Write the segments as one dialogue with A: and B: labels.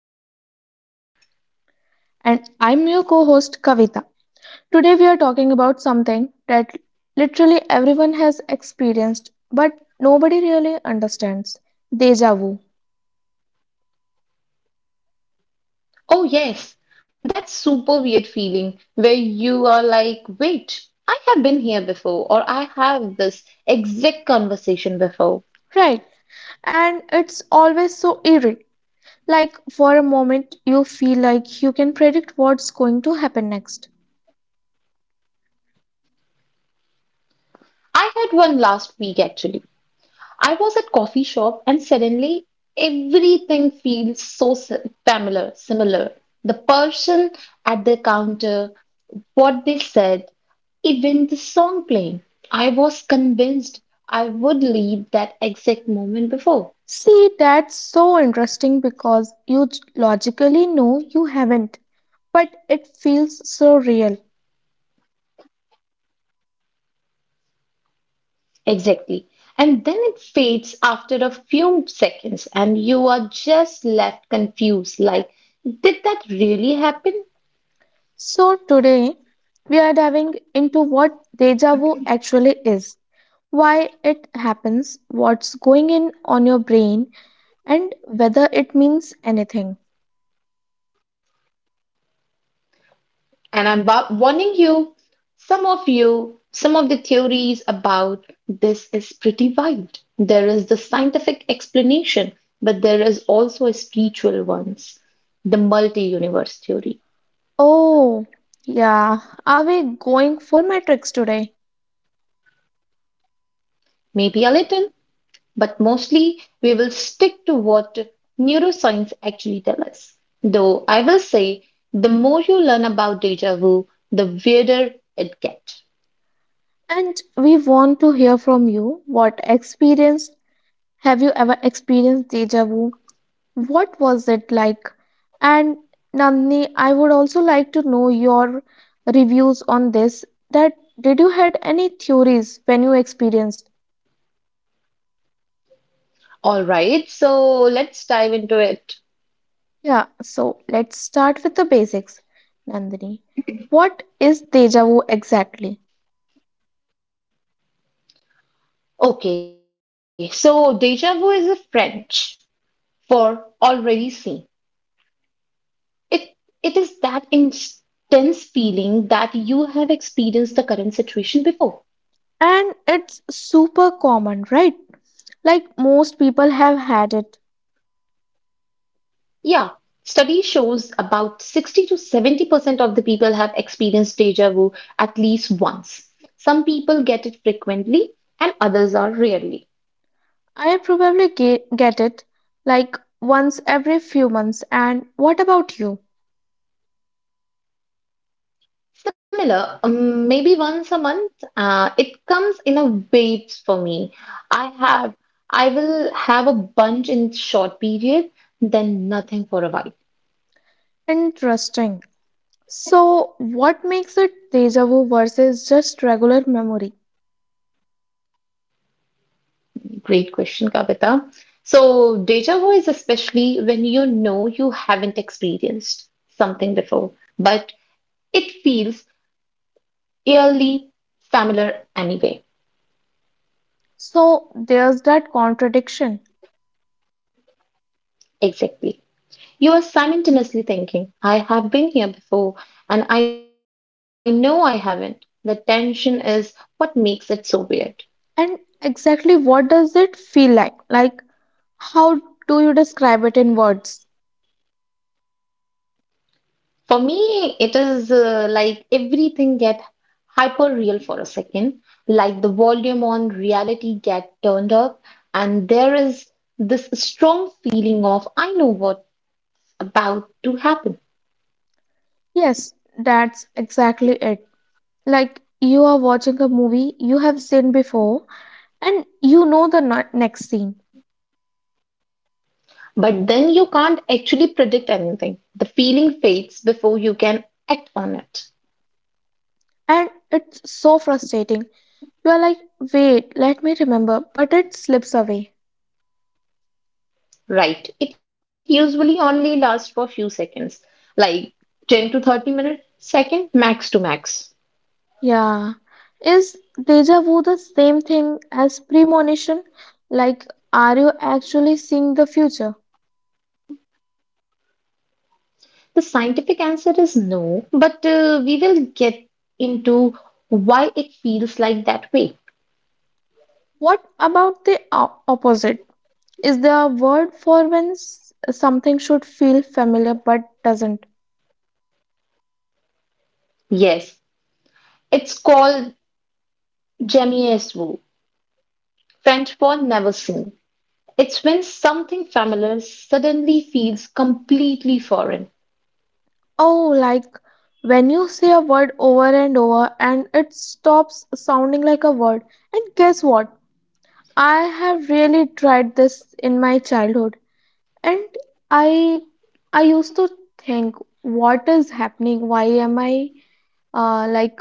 A: back to Mind Matters. I'm your host,
B: And I'm
A: Nandini.
B: your co host Kavita. Today, we are talking about something that literally everyone has experienced but nobody really understands, deja vu,
A: Oh, yes, that super weird feeling where you are like, wait, I have been here before, or I have this exact conversation before.
B: right? And it's always so eerie. Like, for a moment, you feel like you can predict what's going to happen next.
A: I had one last week actually. I was at coffee shop and suddenly everything feels so familiar, similar. The person at the counter, what they said, even the song playing, I was convinced I would leave that exact moment before.
B: See, that's so interesting because logically know you haven't, but it feels so real.
A: Exactly. And then it fades after a few seconds, and you are just left confused like, did that really happen?
B: So, today we are diving into what deja vu actually is, why it happens, what's going in on your brain, and whether it means anything.
A: And I'm warning you, some of the theories about this is pretty wild. There is the scientific explanation, but there is also a spiritual ones, the multi universe theory.
B: Oh, yeah, are we going full metrics today?
A: Maybe a little but mostly we will stick to what neuroscience actually tells us. Though I will say, the more you learn about deja vu, the weirder it gets.
B: And we want to hear from you, what experience, have you ever experienced deja vu? What was it like? And Nandini, I would also like to know your reviews on this. That, did you had any theories when you experienced?
A: All right, so let's dive into it.
B: Yeah, so let's start with the basics. Nandini, what is deja vu exactly?
A: Okay, so deja vu is a French for already seen. It it is that intense feeling that you have experienced the current situation before.
B: And it's super common, right? Like most people have had it.
A: Yeah, study shows about 60 to 70% of the people have experienced deja vu at least once. Some people get it frequently and others are rarely.
B: I probably get it like once every few months. And what about you?
A: Similar, maybe once a month, it comes in a waves for me. I have, I will have a bunch in short period, then nothing for a while.
B: Interesting. So, what makes it deja vu versus just regular memory?
A: Great question, Kavita. So deja vu is especially when you know you haven't experienced something before but it feels eerily familiar anyway.
B: So, there's that contradiction.
A: Exactly. You are simultaneously thinking, I have been here before, and I know I haven't. The tension is what makes it so weird.
B: And exactly what does it feel like? Like, how do you describe it in words?
A: For me, it is like everything get hyper real for a second, like the volume on reality get turned up, and there is this strong feeling of I know what's about to happen.
B: Yes, that's exactly it. Like, you are watching a movie you have seen before and you know the next scene.
A: But then you can't actually predict anything. The feeling fades before you can act on it.
B: And it's so frustrating. You are like, wait, let me remember, but it slips away.
A: Right. It usually only lasts for a few seconds, like 10 to 30 minutes, second max to max.
B: Yeah. Is deja vu the same thing as premonition? Like, are you actually seeing the future?
A: The scientific answer is no, but we will get into why it feels like that way.
B: What about the opposite? Is there a word for when something should feel familiar but doesn't?
A: Yes, it's called jamais vu, French for never seen. It's when something familiar suddenly feels completely foreign.
B: Oh, like when you say a word over and over and it stops sounding like a word. And guess what? I have really tried this in my childhood. And I I used to think, what is happening? Why am I, like,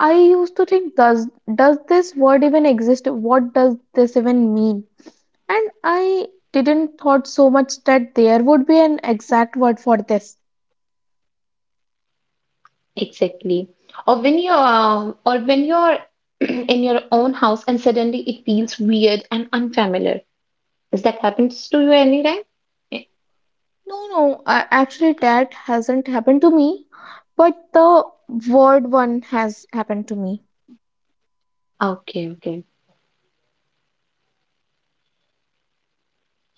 B: I used to think, does this word even exist? What does this even mean? And I didn't thought so much that there would be an exact word for this.
A: Exactly. Or when you're in your own house and suddenly it feels weird and unfamiliar. Has that happened to you anytime? Eh,
B: No, no, actually that hasn't happened to me, but the word one has happened to me.
A: okay, okay.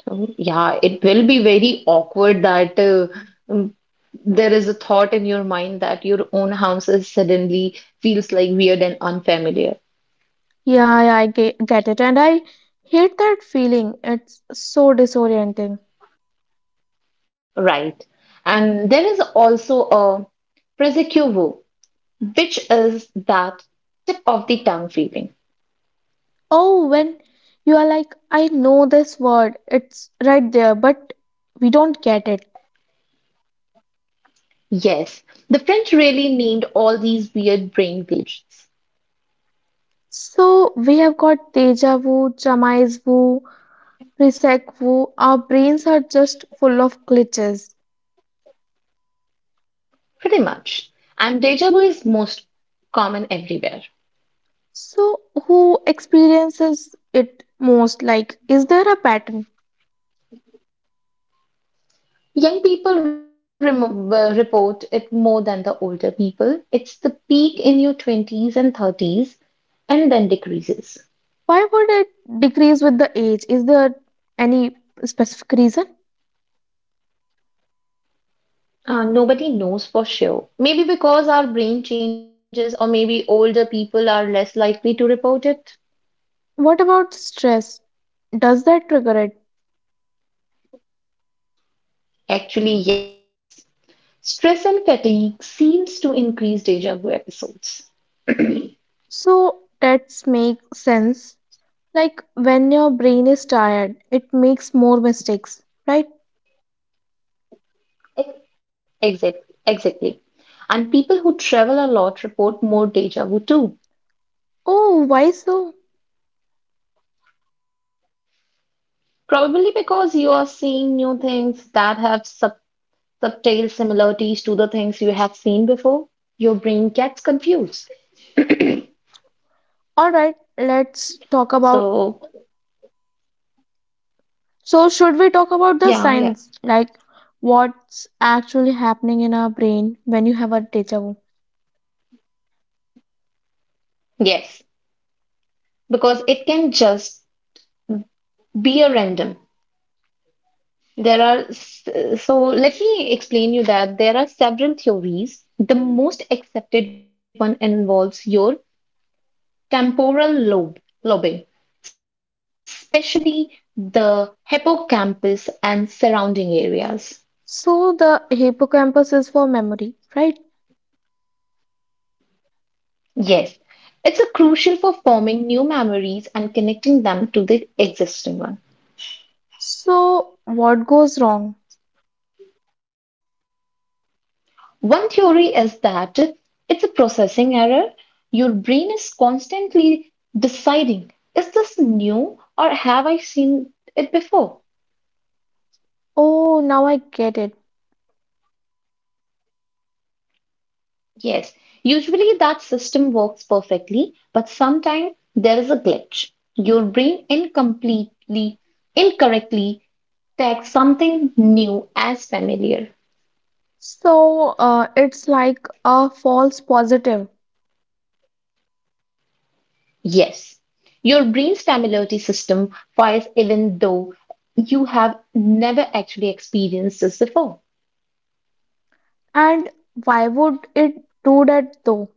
A: So, yeah, it will be very awkward that mm, there is a thought in your mind that your own house is suddenly feels like weird and unfamiliar.
B: Yeah, yeah, I get it, and I hate that feeling. It's so disorienting.
A: Right. And there is also a presecuro, which is that tip of the tongue feeling.
B: Oh, when you are like, I know this word, it's right there, but we don't get it.
A: Yes, the French really named all these weird brain glitches,
B: So we have got deja vu, jamais vu, presec vu. Our brains are just full of glitches.
A: pretty much. And deja vu is most common everywhere.
B: So who experiences it most? Like, is there a pattern?
A: Young people report it more than the older people. It's the peak in your 20s and 30s and then decreases.
B: Why would it decrease with the age? Is there any specific reason?
A: Nobody knows for sure. Maybe because our brain changes, or maybe older people are less likely to report it.
B: What about stress? Does that trigger it?
A: Actually, yes. Stress and fatigue seems to increase deja vu episodes.
B: So that makes sense. Like when your brain is tired, it makes more mistakes, right?
A: Exactly, exactly. And people who travel a lot report more deja vu too,
B: Oh, why so?
A: probably because you are seeing new things that have subtle similarities to the things you have seen before. Your brain gets confused.
B: All right, let's talk about.
A: So,
B: So, should we talk about the
A: yeah, yeah,
B: science, like what's actually happening in our brain when you have a deja vu?
A: yes, because it can just be a random. There are, so let me explain you that there are several theories. The most accepted one involves your temporal lobe, especially the hippocampus and surrounding areas.
B: So, the hippocampus is for memory, right?
A: Yes, it's a crucial for forming new memories and connecting them to the existing one.
B: So, what goes wrong?
A: One theory is that it's a processing error. Your brain is constantly deciding, is this new or have I seen it before?
B: Oh, now I get it.
A: Yes, usually that system works perfectly, but sometimes there is a glitch. Your brain incorrectly tags something new as familiar.
B: So, it's like a false positive.
A: Yes, your brain's familiarity system fires even though you have never actually experienced this before.
B: And why would it do that though?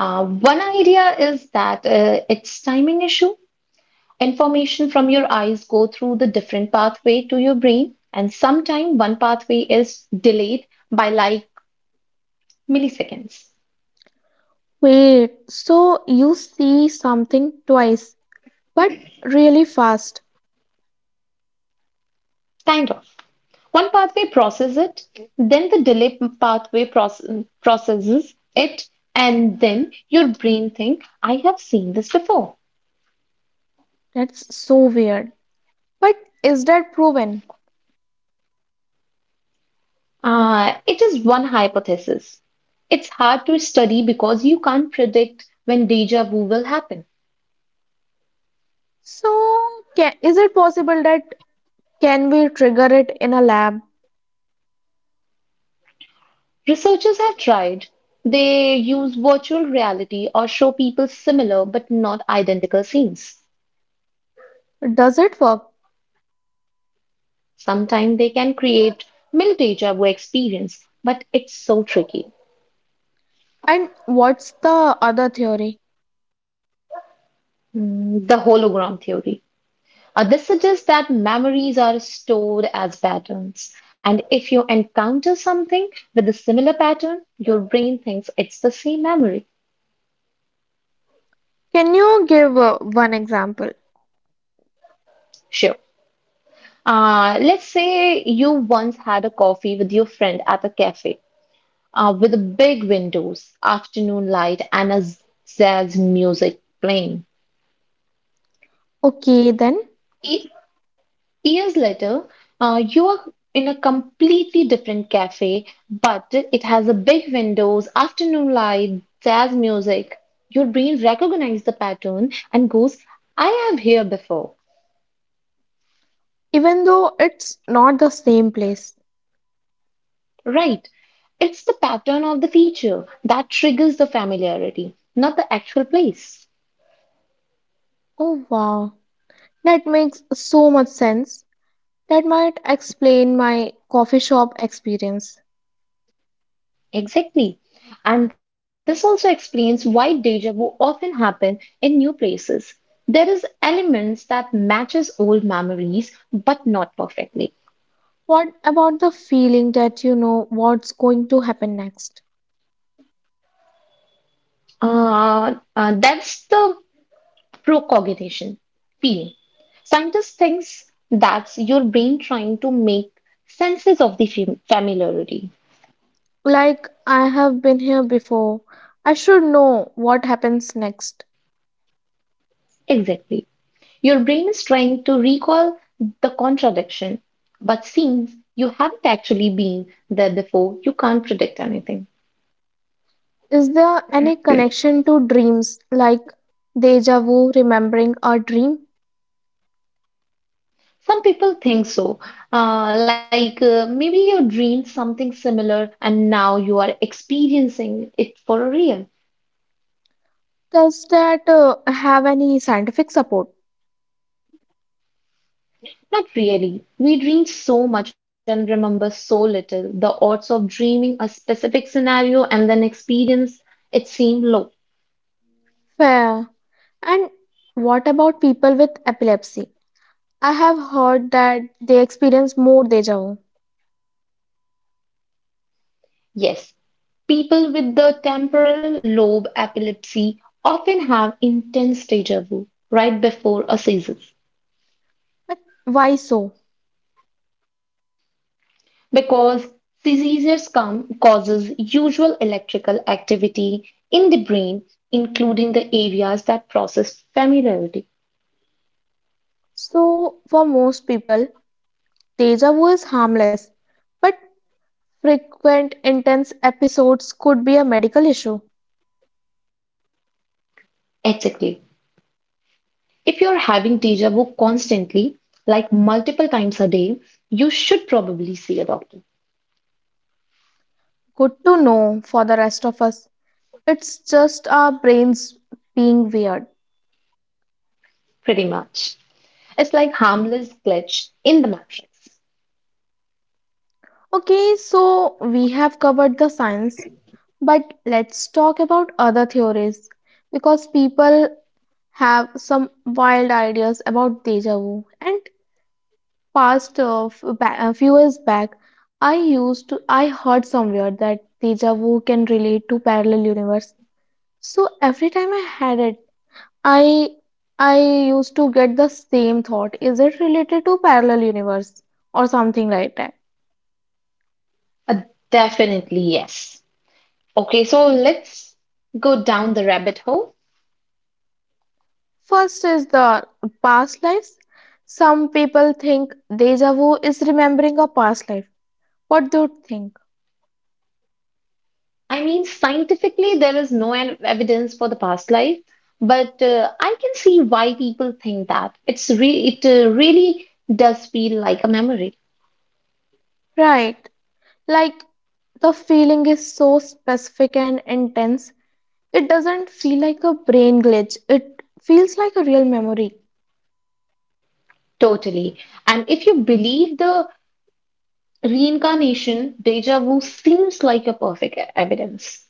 A: One idea is that it's timing issue. Information from your eyes go through the different pathway to your brain and sometimes one pathway is delayed by like milliseconds.
B: Wait, so you see something twice, but really fast.
A: Kind of one pathway processes it, then the delay pathway processes it, and then your brain think I have seen this before.
B: That's so weird. But is that proven?
A: It is one hypothesis. It's hard to study because you can't predict when deja vu will happen.
B: So, is it possible that can we trigger it in a lab?
A: Researchers have tried. They use virtual reality or show people similar but not identical scenes.
B: Does it work?
A: Sometimes they can create mild deja vu experience, but it's so tricky.
B: And what's the other theory?
A: The hologram theory. This suggests that memories are stored as patterns. And if you encounter something with a similar pattern, your brain thinks it's the same memory.
B: Can you give one example?
A: Sure. Let's say you once had a coffee with your friend at a cafe, with big windows, afternoon light, and a jazz music playing.
B: Okay, then,
A: E- Years later, you are in a completely different cafe, but it has a big windows, afternoon light, jazz music. Your brain recognizes the pattern and goes, I have here before.
B: even though it's not the same place.
A: Right. It's the pattern of the feature that triggers the familiarity, not the actual place.
B: Oh, wow. That makes so much sense. That might explain my coffee shop experience.
A: Exactly. And this also explains why deja vu often happen in new places. There is elements that matches old memories, but not perfectly.
B: What about the feeling that you know what's going to happen next?
A: That's the procognition feeling. Scientists think that's your brain trying to make senses of the familiarity.
B: Like, I have been here before. I should know what happens next.
A: Exactly. Your brain is trying to recall the contradiction, but since you haven't actually been there before, you can't predict anything.
B: Is there any connection to dreams, like deja vu, remembering a dream?
A: Some people think so. Like maybe you dreamed something similar and now you are experiencing it for real.
B: Does that have any scientific support?
A: Not really. We dream so much and remember so little. The odds of dreaming a specific scenario and then experience it seem low.
B: Fair. And what about people with epilepsy? I have heard that they experience more deja vu.
A: Yes, people with the temporal lobe epilepsy often have intense deja vu right before a seizure
B: But why so?
A: because seizures come causes usual electrical activity in the brain, including the areas that process familiarity.
B: So, for most people, deja vu is harmless, but frequent intense episodes could be a medical issue.
A: Exactly. If you're having deja vu constantly, like multiple times a day, you should probably see a doctor.
B: Good to know for the rest of us. It's just our brains being weird.
A: Pretty much. It's like harmless glitch in the matrix.
B: Okay, so we have covered the science, but let's talk about other theories because people have some wild ideas about deja vu. And past a few years back, I used to I heard somewhere that deja vu can relate to parallel universe. So every time I had it, I I used to get the same thought. Is it related to parallel universe or something like that?
A: Uh, Definitely, yes. Okay, so let's go down the rabbit hole.
B: First is the past lives. Some people think deja vu is remembering a past life. What do you think?
A: I mean, scientifically, there is no evidence for the past life, but I can see why people think that. It really does feel like a memory,
B: Right. Like the feeling is so specific and intense. It doesn't feel like a brain glitch. It feels like a real memory.
A: totally. And if you believe the reincarnation, deja vu seems like a perfect evidence.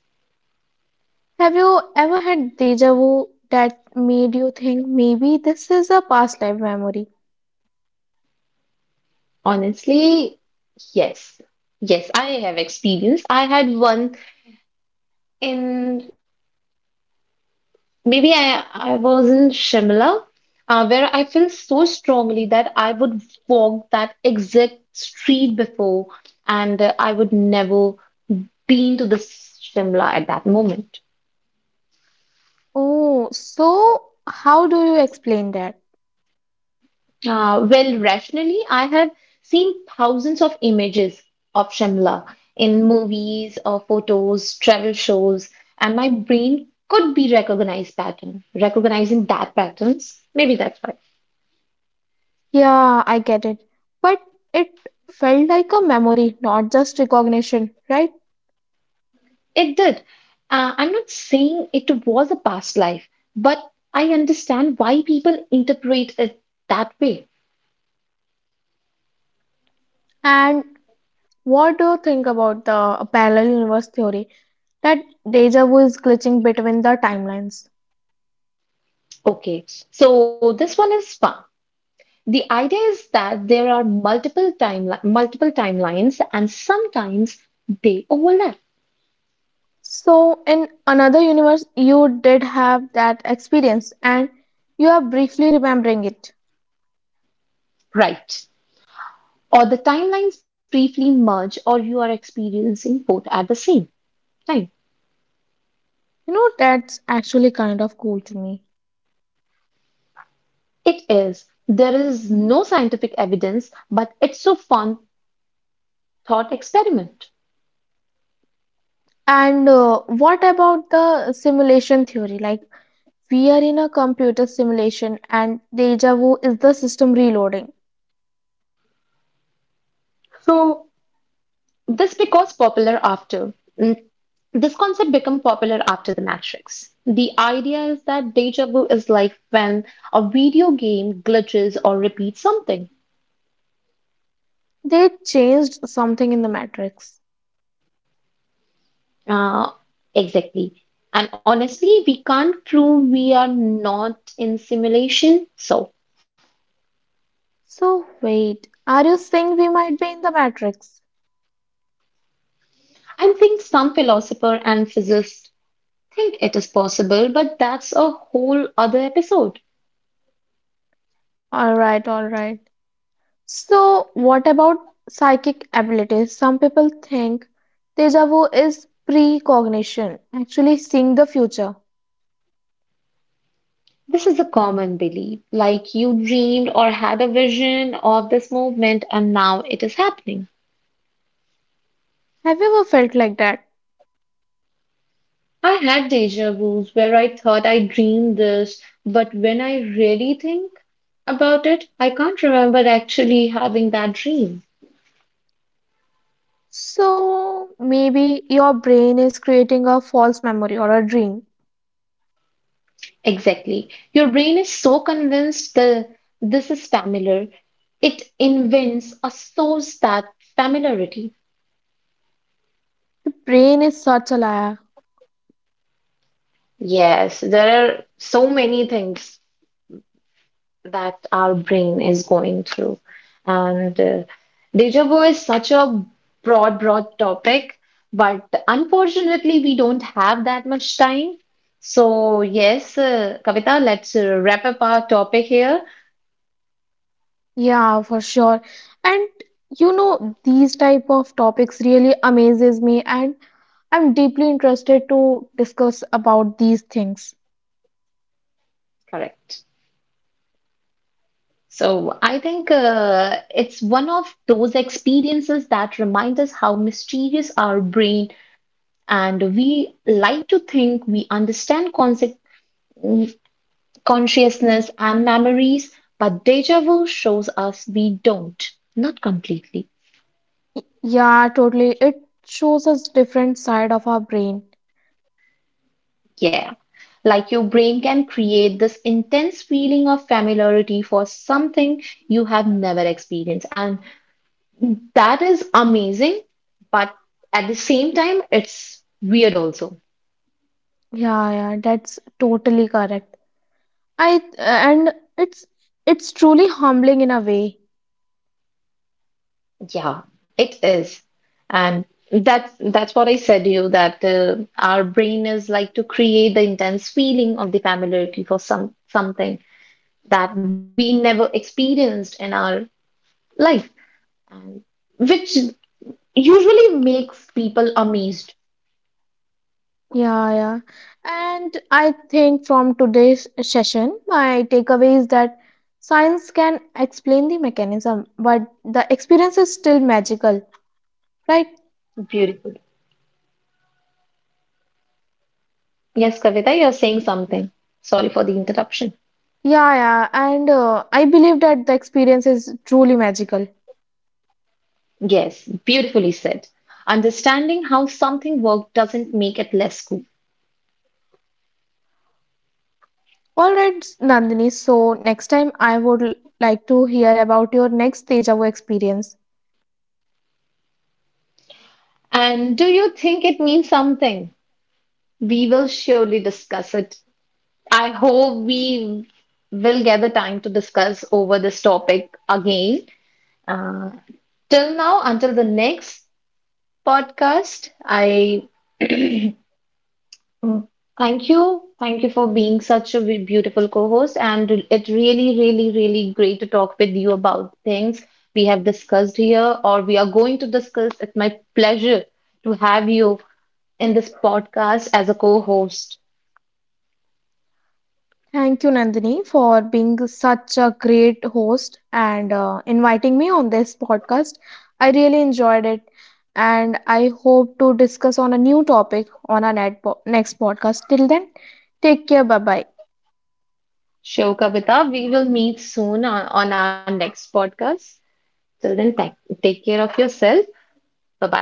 B: Have you ever had deja vu that made you think maybe this is a past life memory?
A: Honestly, yes. Yes, I have experience. I had one in maybe I was in Shimla, where I felt so strongly that I would walk that exact street before, and I would never been to the Shimla at that moment.
B: Oh, so how do you explain that?
A: Well, rationally, I have seen thousands of images of Shimla in movies or photos, travel shows, and my brain could be recognizing that patterns. Maybe that's why.
B: Yeah, I get it. But it felt like a memory, not just recognition, right?
A: It did. I'm not saying it was a past life, but I understand why people interpret it that way.
B: And what do you think about the parallel universe theory that deja vu is glitching between the timelines?
A: Okay, so this one is fun. The idea is that there are multiple timelines, and sometimes they overlap,
B: So, in another universe, you did have that experience and you are briefly remembering it.
A: right? Or the timelines briefly merge, or you are experiencing both at the same time.
B: You know, that's actually kind of cool to me.
A: It is. There is no scientific evidence, but it's a fun thought experiment.
B: And what about the simulation theory? Like, we are in a computer simulation, and deja vu is the system reloading.
A: So This because popular after mm, this concept became popular after The Matrix. The idea is that deja vu is like when a video game glitches or repeats something.
B: They changed something in the matrix.
A: Uh, exactly. And honestly, we can't prove we are not in simulation. So
B: So, wait, are you saying we might be in the matrix?
A: I think some philosopher and physicist think it is possible, but that's a whole other episode.
B: All right, all right. So, what about psychic abilities? Some people think deja vu is precognition, actually seeing the future.
A: This is a common belief, like you dreamed or had a vision of this movement and now it is happening.
B: Have you ever felt like that?
A: I had deja vus where I thought I dreamed this, but when I really think about it, I can't remember actually having that dream.
B: So maybe your brain is creating a false memory or a dream.
A: Exactly. Your brain is so convinced the this is familiar, it invents or stores that familiarity.
B: Brain is such a liar.
A: Yes, there are so many things that our brain is going through. And deja vu is such a broad, broad topic, but unfortunately, we don't have that much time. So, yes, Kavita, let's wrap up our topic here.
B: Yeah, for sure. And you know, these type of topics really amazes me, and I'm deeply interested to discuss about these things.
A: Correct. So, I think it's one of those experiences that remind us how mysterious our brain and we like to think we understand concept consciousness, and memories, but deja vu shows us we don't. Not completely.
B: Yeah, totally. It shows us different side of our brain.
A: Yeah. Like your brain can create this intense feeling of familiarity for something you have never experienced. And that is amazing, but at the same time, it's weird also.
B: Yeah, yeah, that's totally correct. I and it's it's truly humbling in a way.
A: Yeah, it is. And that's what I said to you that our brain is like to create the intense feeling of the familiarity for some something that we never experienced in our life, and which usually makes people amazed.
B: Yeah, yeah. And I think from today's session, my takeaway is that science can explain the mechanism, but the experience is still magical, right?
A: Beautiful. Yes, Kavita, you're saying something. Sorry for the interruption.
B: Yeah, yeah. And I believe that the experience is truly magical.
A: Yes, beautifully said. Understanding how something worked doesn't make it less cool.
B: All right, Nandini. So next time, I would like to hear about your next deja vu experience.
A: And do you think it means something? We will surely discuss it. I hope we will get the time to discuss over this topic again. Uh, Till now, until the next podcast. I thank you. Thank you for being such a beautiful co host. And it really, really, really great to talk with you about things we have discussed here or we are going to discuss. It's my pleasure to have you in this podcast as a co host.
B: Thank you, Nandini, for being such a great host and inviting me on this podcast. I really enjoyed it, and I hope to discuss on a new topic on our next podcast. Till then, take care. Bye bye.
A: Show Kavita, we will meet soon on our next podcast. Till then, take care of yourself. Bye bye.